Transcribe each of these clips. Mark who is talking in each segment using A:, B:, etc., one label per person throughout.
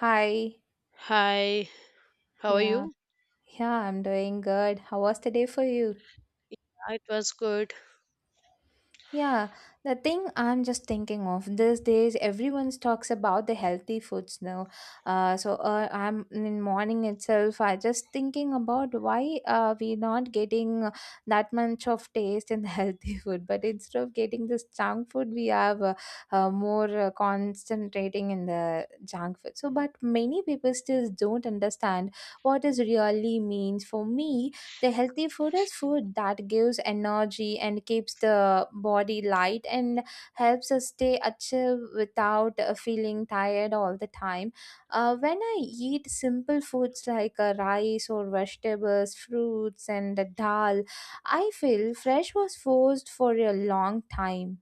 A: Hi.
B: Hi, how are
A: Yeah.
B: you?
A: Yeah, I'm doing good. How was the day for you?
B: It was good.
A: Yeah, the thing I'm just thinking of these days, everyone talks about the healthy foods now. So I'm in morning itself. I just thinking about why we not getting that much of taste in the healthy food, but instead of getting this junk food, we have more concentrating in the junk food. So, but many people still don't understand what is really means for me. The healthy food is food that gives energy and keeps the body light and helps us stay active without feeling tired all the time. When I eat simple foods like rice or vegetables fruits and dal, I feel fresh was forced for a long time.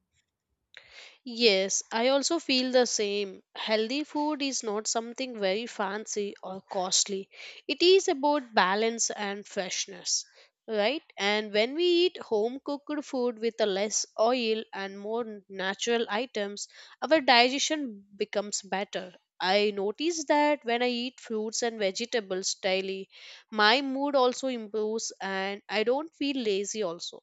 B: Yes, I also feel the same. Healthy food is not something very fancy or costly. It is about balance and freshness, right? And when we eat home cooked food with a less oil and more natural items, our digestion becomes better. I notice that when I eat fruits and vegetables daily, my mood also improves and I don't feel lazy also.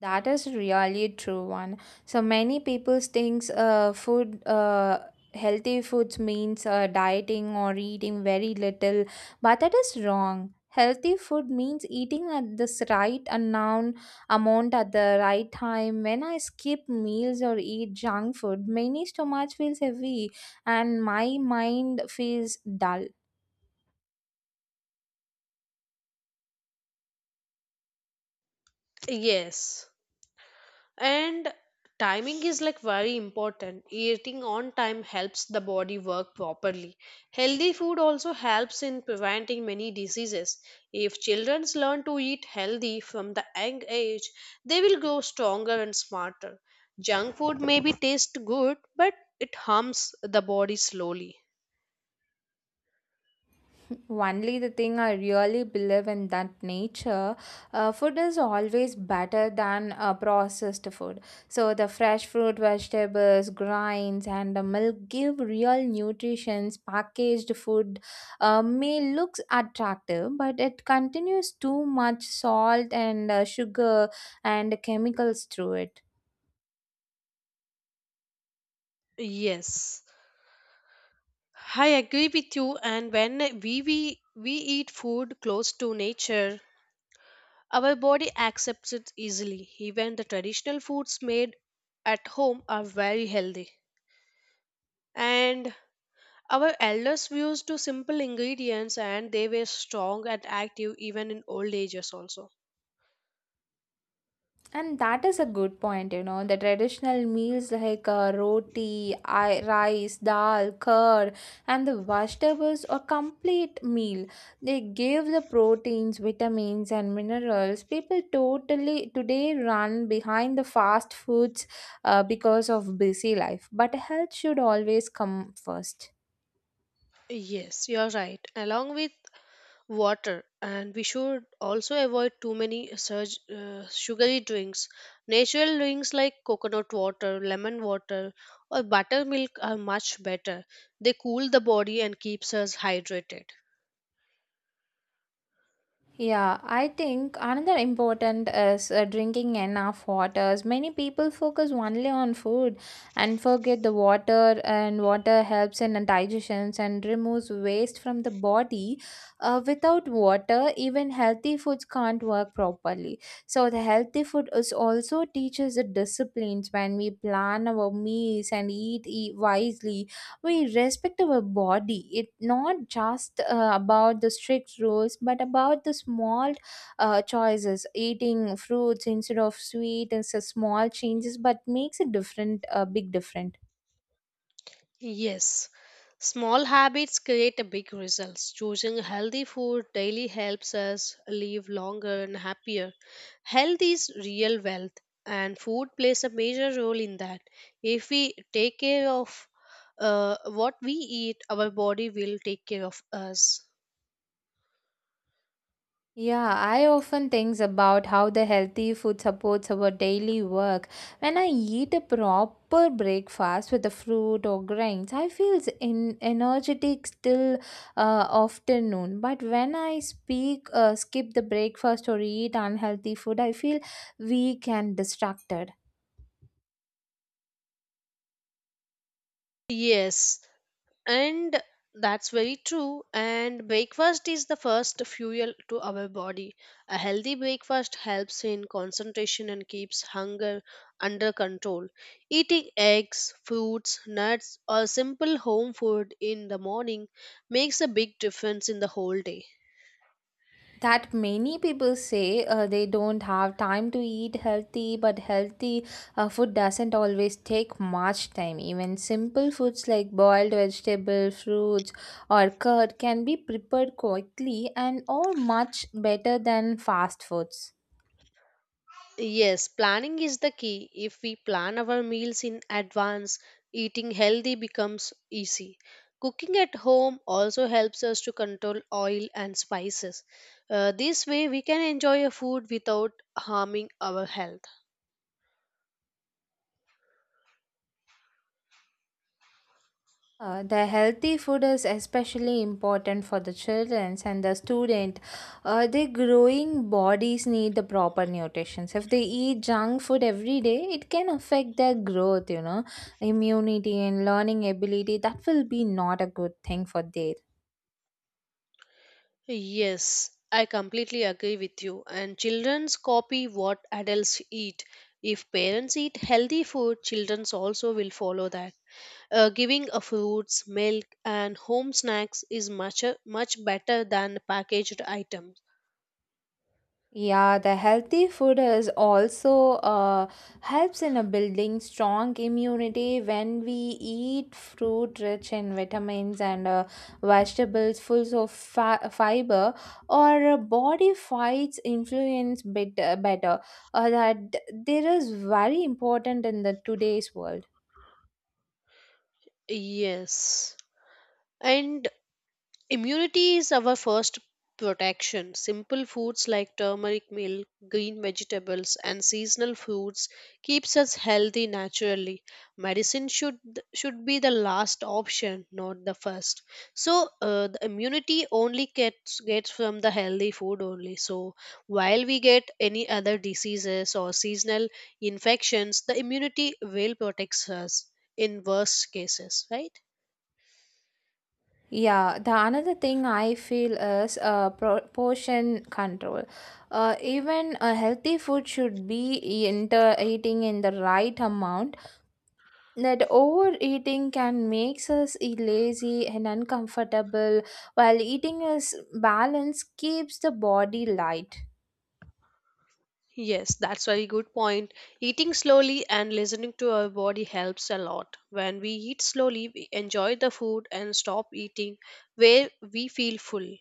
A: That is really a true one. So many people thinks food healthy foods means dieting or eating very little, but that is wrong. Healthy food means eating at this right amount at the right time. When I skip meals or eat junk food, many stomach feels heavy and my mind feels dull.
B: Yes, and timing is like very important. Eating on time helps the body work properly. Healthy food also helps in preventing many diseases. If children learn to eat healthy from the young age, they will grow stronger and smarter. Junk food maybe tastes good, but it harms the body slowly.
A: Only the thing I really believe in that nature, food is always better than processed food. So the fresh fruit, vegetables, grains, and the milk give real nutrition. Packaged food may looks attractive, but it continues too much salt and sugar and chemicals through it.
B: Yes, I agree with you. And when we eat food close to nature, our body accepts it easily. Even the traditional foods made at home are very healthy. And our elders used to simple ingredients and they were strong and active even in old ages also.
A: And that is a good point. The traditional meals like roti, rice, dal, curd, and the vegetables a complete meal. They give the proteins, vitamins, and minerals. People totally today run behind the fast foods because of busy life, but health should always come first.
B: Yes, you're right. Along with water, and we should also avoid too many surge, sugary drinks. Natural drinks like coconut water, lemon water, or buttermilk are much better. They cool the body and keeps us hydrated.
A: Yeah, I think another important is drinking enough waters. Many people focus only on food and forget the water, and water helps in digestion and removes waste from the body. Without water, even healthy foods can't work properly. So the healthy food is also teaches the disciplines. When we plan our meals and eat wisely, we respect our body. It not just about the strict rules but about the small choices, eating fruits instead of sweet, and so small changes but makes a big difference.
B: Yes, small habits create a big results. Choosing healthy food daily helps us live longer and happier. Health is real wealth, and food plays a major role in that. If we take care of what we eat, our body will take care of us.
A: Yeah, I often think about how the healthy food supports our daily work. When I eat a proper breakfast with a fruit or grains, I feel in energetic still afternoon. But when I skip the breakfast or eat unhealthy food, I feel weak and distracted.
B: Yes, and that's very true and breakfast is the first fuel to our body. A healthy breakfast helps in concentration and keeps hunger under control. Eating eggs fruits nuts or simple home food in the morning makes a big difference in the whole day.
A: That many people say they don't have time to eat healthy, but healthy food doesn't always take much time. Even simple foods like boiled vegetable fruits or curd can be prepared quickly and are much better than fast foods.
B: Yes, planning is the key. If we plan our meals in advance, eating healthy becomes easy. Cooking at home also helps us to control oil and spices. This way, we can enjoy a food without harming our health.
A: The healthy food is especially important for the children and the student. Their growing bodies need the proper nutrition. If they eat junk food every day, it can affect their growth, immunity and learning ability. That will be not a good thing for their
B: Yes, I completely agree with you. And children's copy what adults eat. If parents eat healthy food, children also will follow that. Giving a fruits, milk, and home snacks is much much better than packaged items.
A: Yeah, the healthy food is also helps in a building strong immunity when we eat fruit rich in vitamins and vegetables full of fa fiber. Our body fights influence bit better. That there is very important in the today's world.
B: Yes, and immunity is our first protection. Simple foods like turmeric milk, green vegetables and seasonal foods keeps us healthy naturally. Medicine should be the last option, not the first. So the immunity only gets from the healthy food only. So while we get any other diseases or seasonal infections, the immunity will protects us in worst cases, right?
A: Yeah, the another thing I feel is portion control. Even a healthy food should be eating in the right amount. That overeating can makes us lazy and uncomfortable, while eating is balance keeps the body light.
B: Yes, that's very good point. Eating slowly and listening to our body helps a lot. When we eat slowly, we enjoy the food and stop eating where we feel full.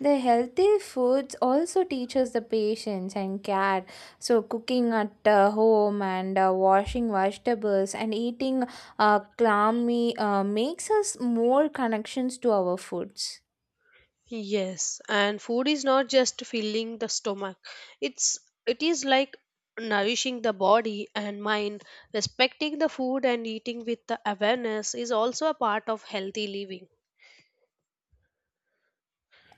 A: The healthy foods also teaches the patience and care. So cooking at home and washing vegetables and eating clammy makes us more connections to our foods.
B: Yes, and food is not just filling the stomach. It's it is like nourishing the body and mind. Respecting the food and eating with the awareness is also a part of healthy living.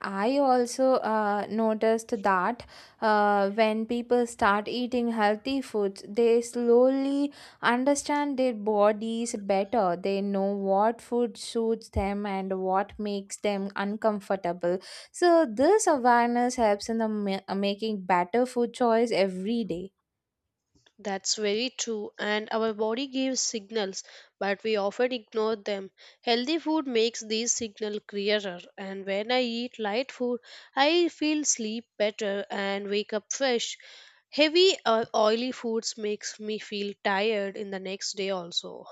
A: I also noticed that when people start eating healthy foods, they slowly understand their bodies better. They know what food suits them and what makes them uncomfortable. So, this awareness helps in the making better food choice every day.
B: That's very true, and our body gives signals, but we often ignore them. Healthy food makes these signals clearer, and when I eat light food, I feel sleep better and wake up fresh. Heavy or oily foods makes me feel tired in the next day also.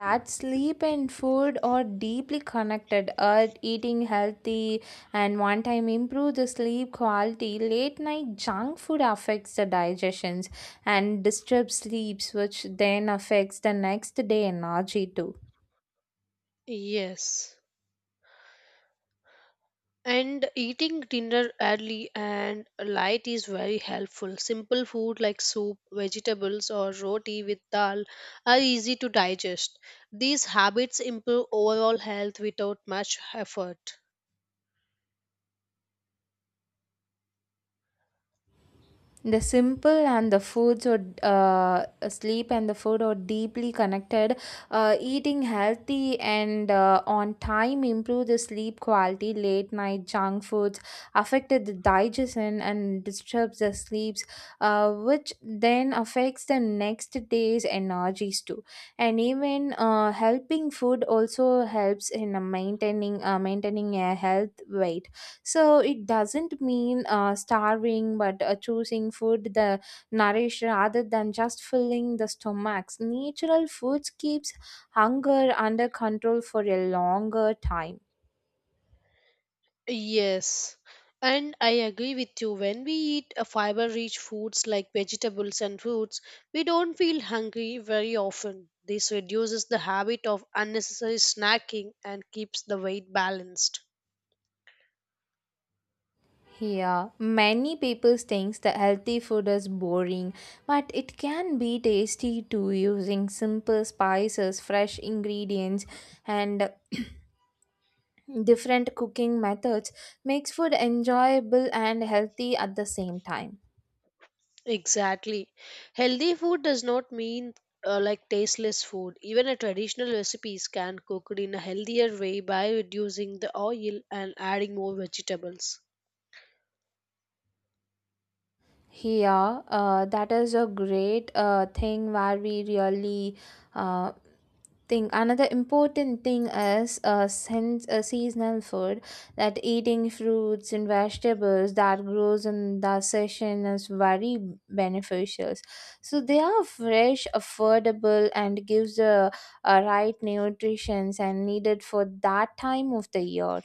A: That sleep and food are deeply connected. Eating healthy and one time improve the sleep quality. Late night junk food affects the digestions and disturbs sleeps, which then affects the next day energy too.
B: Yes. And eating dinner early and light is very helpful. Simple food like soup, vegetables, or roti with dal are easy to digest. These habits improve overall health without much effort.
A: The simple and the foods or sleep and the food are deeply connected. Eating healthy and on time improve the sleep quality. Late night junk foods affected the digestion and disturbs the sleeps, which then affects the next day's energies too. And even helping food also helps in maintaining a health weight, so it doesn't mean starving, but choosing food the nourish rather than just filling the stomachs. Natural foods keeps hunger under control for a longer time.
B: Yes, and I agree with you. When we eat a fiber-rich foods like vegetables and fruits, we don't feel hungry very often. This reduces the habit of unnecessary snacking and keeps the weight balanced.
A: Yeah, many people thinks that healthy food is boring, but it can be tasty too, using simple spices, fresh ingredients, and different cooking methods makes food enjoyable and healthy at the same time.
B: Exactly. Healthy food does not mean like tasteless food. Even a traditional recipes can cooked in a healthier way by reducing the oil and adding more vegetables.
A: Yeah, that is a great thing where we really uh, think. Another important thing is since seasonal food, that eating fruits and vegetables that grows in the season is very beneficial. So they are fresh, affordable, and gives the right nutrition and needed for that time of the year.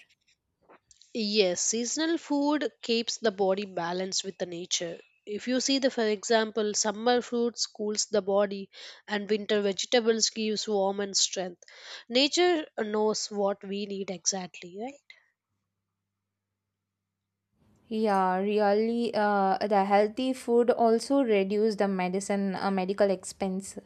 B: Yes, seasonal food keeps the body balanced with the nature. If you see the for example, summer fruits cools the body and winter vegetables gives warm and strength. Nature knows what we need exactly, right?
A: Yeah, really, the healthy food also reduce the medicine, medical expense.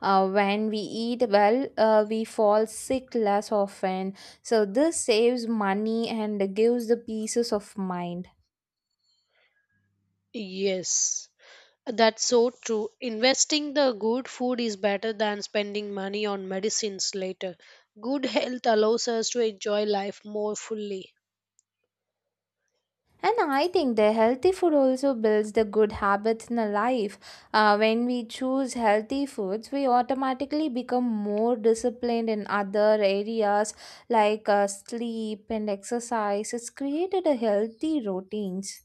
A: When we eat well, we fall sick less often. So this saves money and gives the pieces of mind.
B: Yes. That's so true. Investing the good food is better than spending money on medicines later. Good health allows us to enjoy life more fully.
A: And I think the healthy food also builds the good habits in our life. When we choose healthy foods, we automatically become more disciplined in other areas like sleep and exercise. It's created a healthy routines.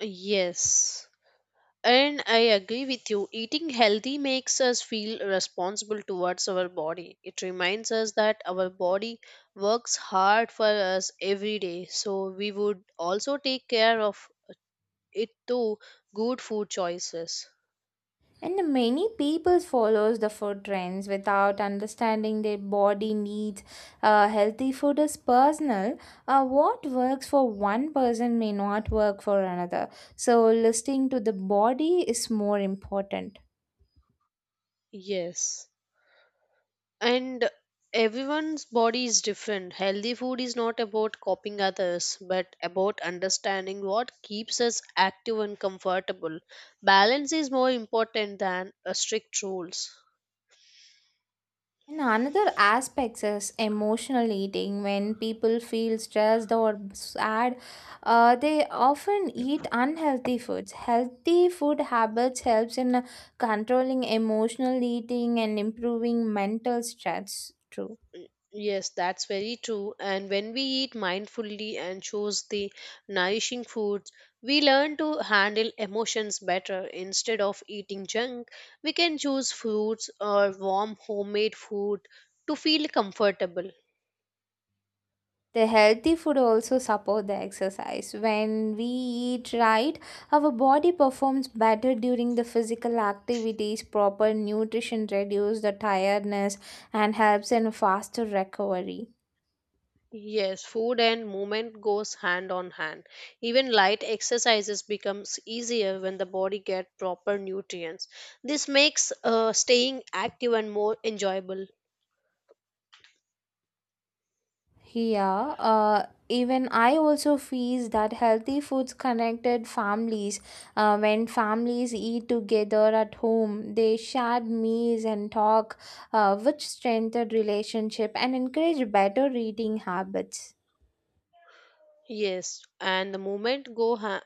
B: Yes. And I agree with you. Eating healthy makes us feel responsible towards our body. It reminds us that our body works hard for us every day. So we would also take care of it through good food choices.
A: And many people follows the food trends without understanding their body needs. Healthy food is personal. What works for one person may not work for another. So listening to the body is more important.
B: Yes. And everyone's body is different. Healthy food is not about copying others but about understanding what keeps us active and comfortable. Balance is more important than strict rules.
A: And another aspect is emotional eating. When people feel stressed or sad, they often eat unhealthy foods. Healthy food habits helps in controlling emotional eating and improving mental stress too.
B: Yes, that's very true, and when we eat mindfully and choose the nourishing foods, we learn to handle emotions better. Instead of eating junk, we can choose fruits or warm homemade food to feel comfortable.
A: The healthy food also support the exercise. When we eat right, our body performs better during the physical activities. Proper nutrition reduces the tiredness and helps in faster recovery.
B: Yes, food and movement goes hand on hand. Even light exercises becomes easier when the body get proper nutrients. This makes staying active and more enjoyable.
A: Yeah, even I also feel that healthy foods connected families. When families eat together at home, they share meals and talk, which strengthen relationship and encourage better eating habits.
B: Yes, and the movement go ha-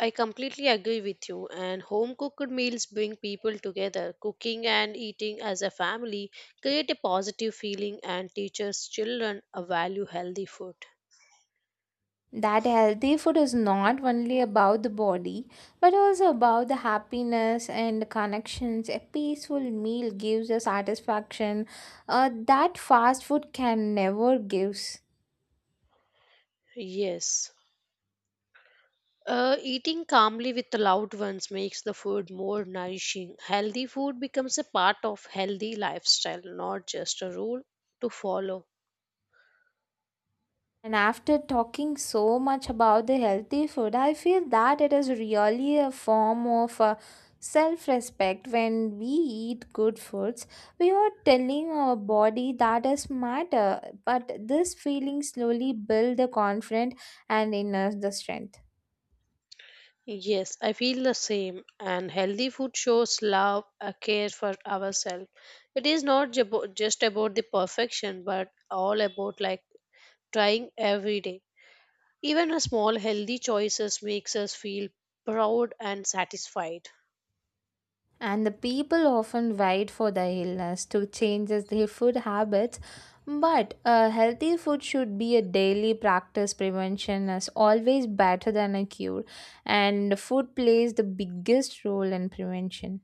B: I completely agree with you. And home cooked meals bring people together. Cooking and eating as a family create a positive feeling and teaches children a value healthy food.
A: That healthy food is not only about the body but also about the happiness and connections. A peaceful meal gives a satisfaction that fast food can never gives.
B: Yes. Eating calmly with the loved ones makes the food more nourishing. Healthy food becomes a part of healthy lifestyle, not just a rule to follow.
A: And after talking so much about the healthy food, I feel that it is really a form of self respect when we eat good foods. We are telling our body that is matter, but this feeling slowly builds the confidence and inner the strength.
B: Yes, I feel the same. And healthy food shows love, a care for ourselves. It is not just about the perfection, but all about like trying every day. Even a small healthy choices makes us feel proud and satisfied.
A: And the people often wait for the illness to change as their food habits. But a healthy food should be a daily practice. Prevention is always better than a cure, and food plays the biggest role in prevention.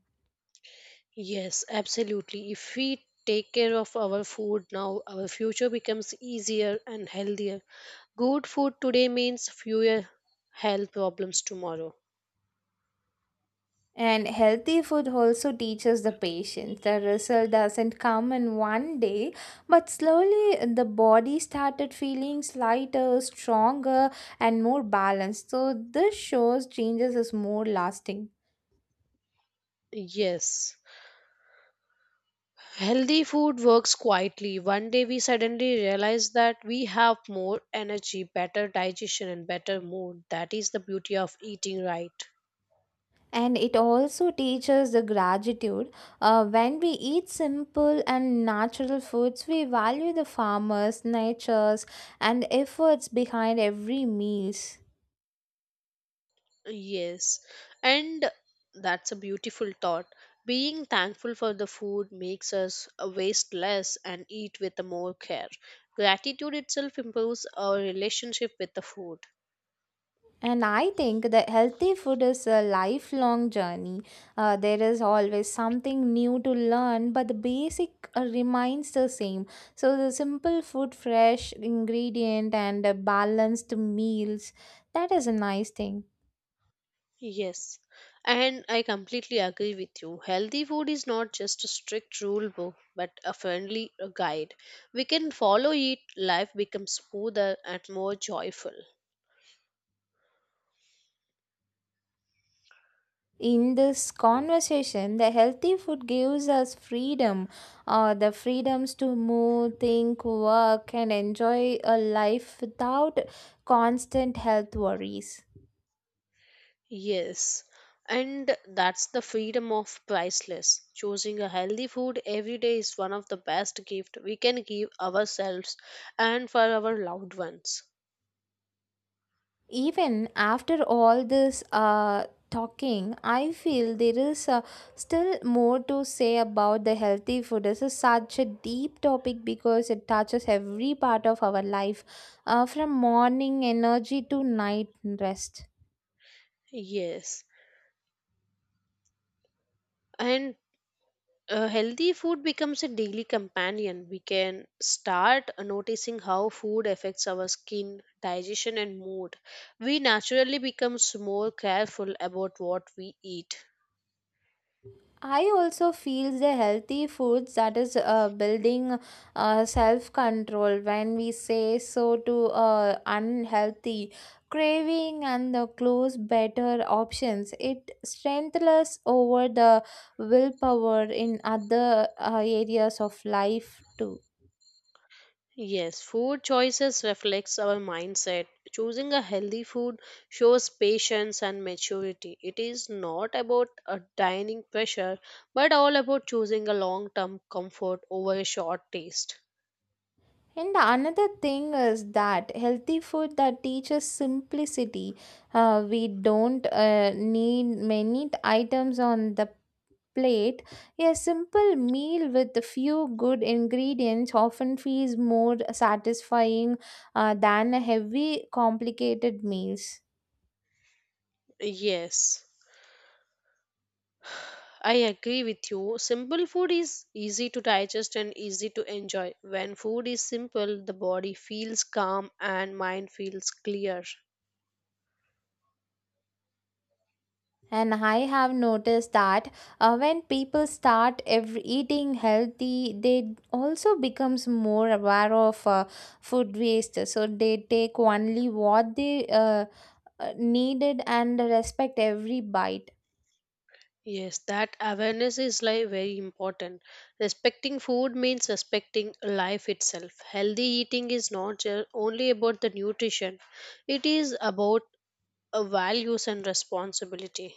B: Yes, absolutely. If we take care of our food now, our future becomes easier and healthier. Good food today means fewer health problems tomorrow.
A: And healthy food also teaches the patient. The result doesn't come in one day, but slowly the body started feeling lighter, stronger, and more balanced. So, this shows changes is more lasting.
B: Yes. Healthy food works quietly. One day we suddenly realize that we have more energy, better digestion, and better mood. That is the beauty of eating right.
A: And it also teaches the gratitude when we eat simple and natural foods, we value the farmers natures and efforts behind every meals.
B: Yes, and that's a beautiful thought. Being thankful for the food makes us waste less and eat with more care. Gratitude itself improves our relationship with the food.
A: And I think the healthy food is a lifelong journey. There is always something new to learn, but the basic remains the same. So the simple food fresh ingredient and balanced meals, that is a nice thing.
B: Yes, and I completely agree with you. Healthy food is not just a strict rule book, but a friendly guide. We can follow it, life becomes smoother and more joyful.
A: In this conversation the healthy food gives us freedom, the freedoms to move think work and enjoy a life without constant health worries.
B: Yes, and that's the freedom of priceless. Choosing a healthy food every day is one of the best gift we can give ourselves and for our loved ones.
A: Even after all this talking, I feel there is still more to say about the healthy food. This is such a deep topic because it touches every part of our life, from morning energy to night rest.
B: Yes, and healthy food becomes a daily companion. We can start noticing how food affects our skin, digestion, and mood. We naturally becomes more careful about what we eat.
A: I also feel the healthy foods that is building self control when we say so to unhealthy craving and the close better options. It strengthens over the willpower in other areas of life too.
B: Yes, food choices reflects our mindset. Choosing a healthy food shows patience and maturity. It is not about a dining pressure, but all about choosing a long-term comfort over a short taste.
A: And the another thing is that healthy food that teaches simplicity. We don't need many items on the plate. A simple meal with a few good ingredients often feels more satisfying than a heavy, complicated meals.
B: Yes, I agree with you. Simple food is easy to digest and easy to enjoy. When food is simple, the body feels calm and mind feels clear.
A: And I have noticed that when people start eating healthy, they also becomes more aware of food waste. So they take only what they needed and respect every bite.
B: Yes, that awareness is like very important. Respecting food means respecting life itself. Healthy eating is not just only about the nutrition; it is about values and responsibility.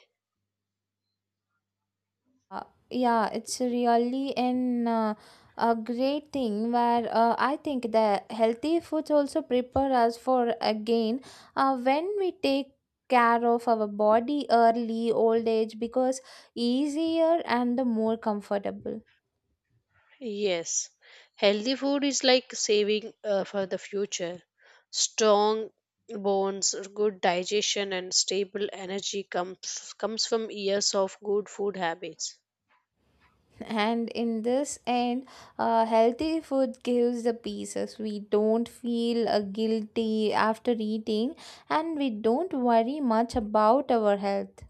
A: Uh, yeah, it's really an a great thing where I think the healthy foods also prepare us for again when we take care of our body early old age because easier and the more comfortable
B: Yes, healthy food is like saving for the future. Strong bones, good digestion, and stable energy comes from years of good food habits.
A: and in this end healthy food gives the pieces we don't feel guilty after eating, and we don't worry much about our health.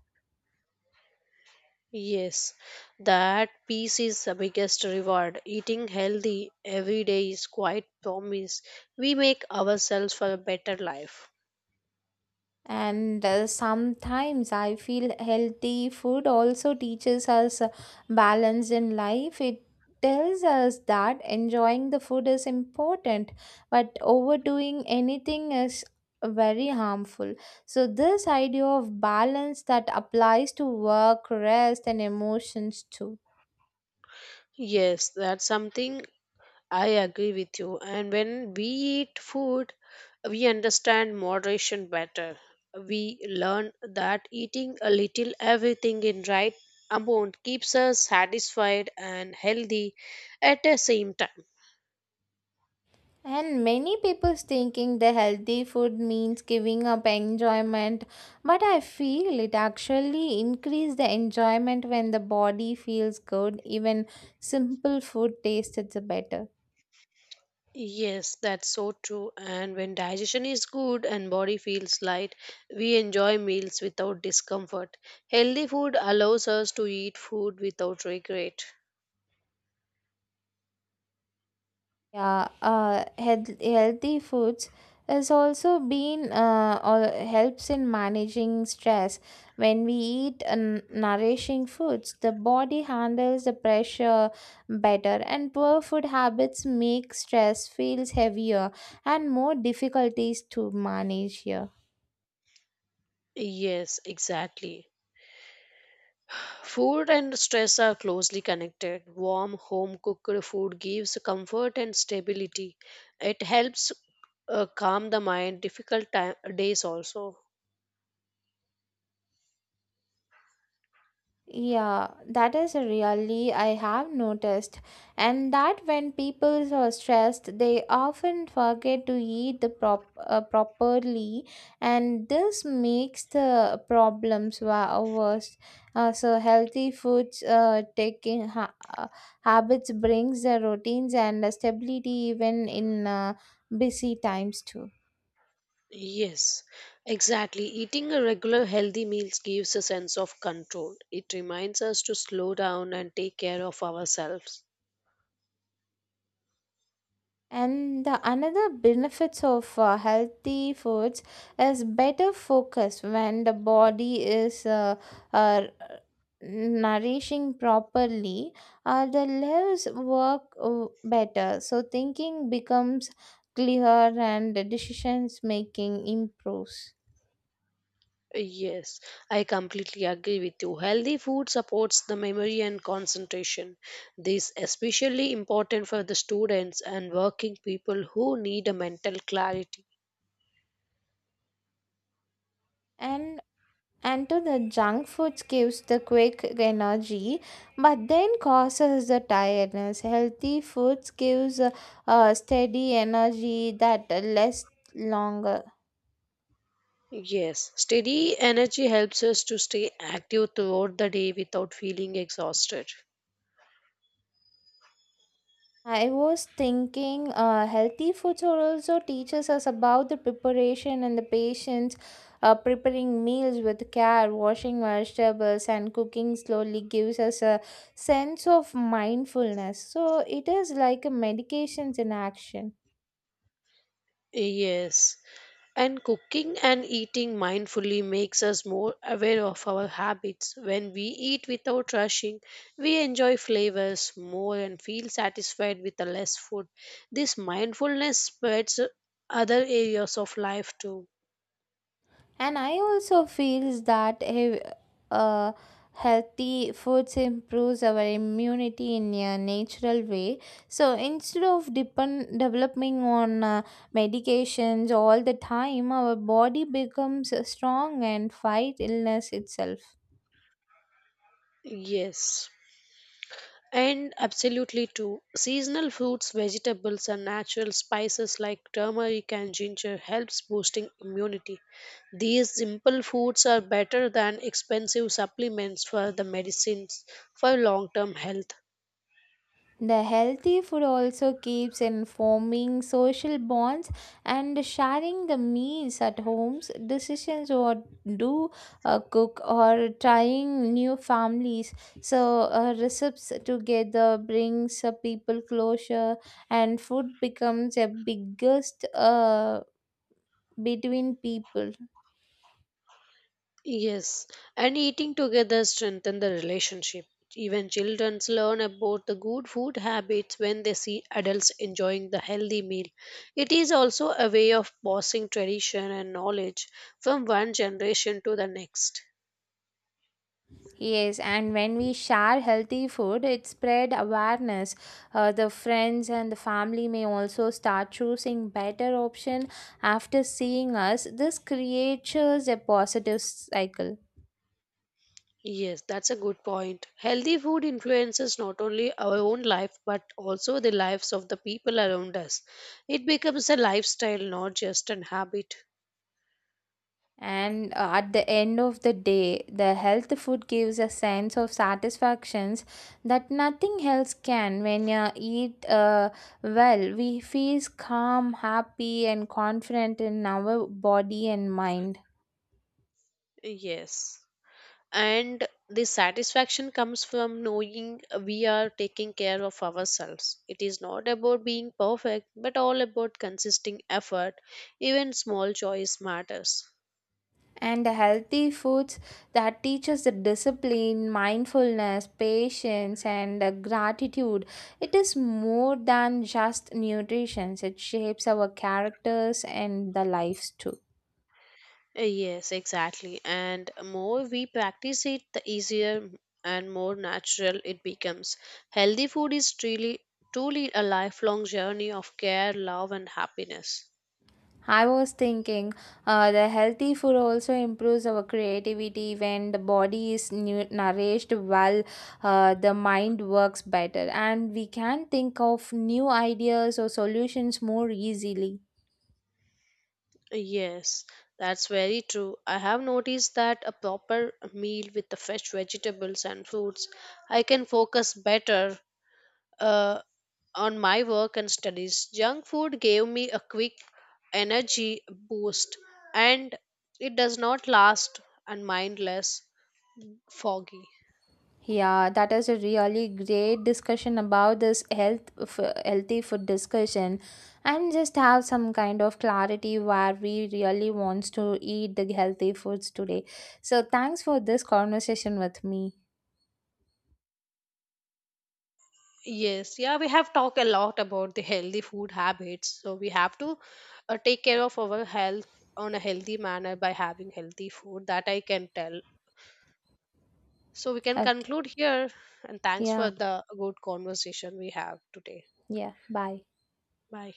B: Yes, that peace is the biggest reward. Eating healthy every day is quite promise we make ourselves for a better life.
A: And sometimes I feel healthy food also teaches us balance in life. It tells us that enjoying the food is important, but overdoing anything is very harmful. So, this idea of balance that applies to work, rest, and emotions too.
B: Yes, that's something I agree with you. And when we eat food, we understand moderation better. We learn that eating a little everything in right amount keeps us satisfied and healthy at the same time.
A: And many people thinking the healthy food means giving up enjoyment, but I feel it actually increase the enjoyment when the body feels good. Even simple food tastes better.
B: Yes, that's so true. And when digestion is good and body feels light, we enjoy meals without discomfort. Healthy food allows us to eat food without regret.
A: Yeah, healthy foods has also been or helps in managing stress. When we eat nourishing foods, the body handles the pressure better, and poor food habits make stress feels heavier and more difficulties to manage here.
B: Yes, exactly. Food and stress are closely connected. Warm, home cooked food gives comfort and stability. It helps calm the mind difficult time, days also.
A: Yeah, that is really I have noticed, and that when people are stressed, they often forget to eat the properly, and this makes the problems worse. So healthy foods, taking ha habits brings the routines and the stability even in busy times too.
B: Yes, exactly. Eating a regular healthy meals gives a sense of control. It reminds us to slow down and take care of ourselves.
A: And the another benefits of healthy foods is better focus when the body is uh, nourishing properly. The lives work better, so thinking becomes clear and the decisions making improves.
B: Yes, I completely agree with you. Healthy food supports the memory and concentration. This is especially important for the students and working people who need a mental clarity.
A: And and to the junk foods gives the quick energy but then causes the tiredness, healthy foods gives a steady energy that lasts longer.
B: Yes, steady energy helps us to stay active throughout the day without feeling exhausted.
A: I was thinking healthy foods are also teaches us about the preparation and the patience. Preparing meals with care, washing vegetables, and cooking slowly gives us a sense of mindfulness, so it is like a medications in action.
B: Yes. And cooking and eating mindfully makes us more aware of our habits. When we eat without rushing, we enjoy flavors more and feel satisfied with the less food. This mindfulness spreads other areas of life too.
A: And I also feels that uh, healthy foods improves our immunity in a natural way, so instead of depend developing on medications all the time, our body becomes strong and fight illness itself.
B: Yes. And absolutely too. Seasonal fruits, vegetables, and natural spices like turmeric and ginger helps boosting immunity. These simple foods are better than expensive supplements for the medicines for long-term health.
A: The healthy food also keeps in forming social bonds and sharing the meals at homes, decisions or do cook or trying new families. So recipes together brings people closer, and food becomes a biggest between people.
B: Yes, and eating together strengthen the relationship. Even children learn about the good food habits when they see adults enjoying the healthy meal. It is also a way of passing tradition and knowledge from one generation to the next.
A: Yes, and when we share healthy food, it spread awareness. The friends and the family may also start choosing better option after seeing us. This creates a positive cycle.
B: Yes, that's a good point. Healthy food influences not only our own life but also the lives of the people around us. It becomes a lifestyle, not just an habit.
A: And at the end of the day, the health food gives a sense of satisfactions that nothing else can. When you eat well, we feel calm, happy, and confident in our body and mind.
B: Yes, and the satisfaction comes from knowing we are taking care of ourselves. It is not about being perfect but all about consistent effort. Even small choice matters.
A: And healthy foods that teach us the discipline, mindfulness, patience, and gratitude. It is more than just nutrition, it shapes our characters and the lives too.
B: Yes, exactly, and more we practice it the easier and more natural it becomes. Healthy food is truly a lifelong journey of care love and happiness.
A: I was thinking the healthy food also improves our creativity. When the body is nourished well, the mind works better, and we can think of new ideas or solutions more easily.
B: Yes, that's very true. I have noticed that a proper meal with the fresh vegetables and fruits, I can focus better uh, on my work and studies. Junk food gave me a quick energy boost and it does not last and mindless foggy.
A: Yeah, that is a really great discussion about this healthy food discussion, and just have some kind of clarity where we really wants to eat the healthy foods today. So thanks for this conversation with me.
B: Yes, yeah, we have talked a lot about the healthy food habits. So we have to take care of our health on a healthy manner by having healthy food that I can tell. So we can
A: Okay.
B: conclude here and thanks for
A: Yeah,
B: the good conversation we have today.
A: yeah. Bye.
B: Bye.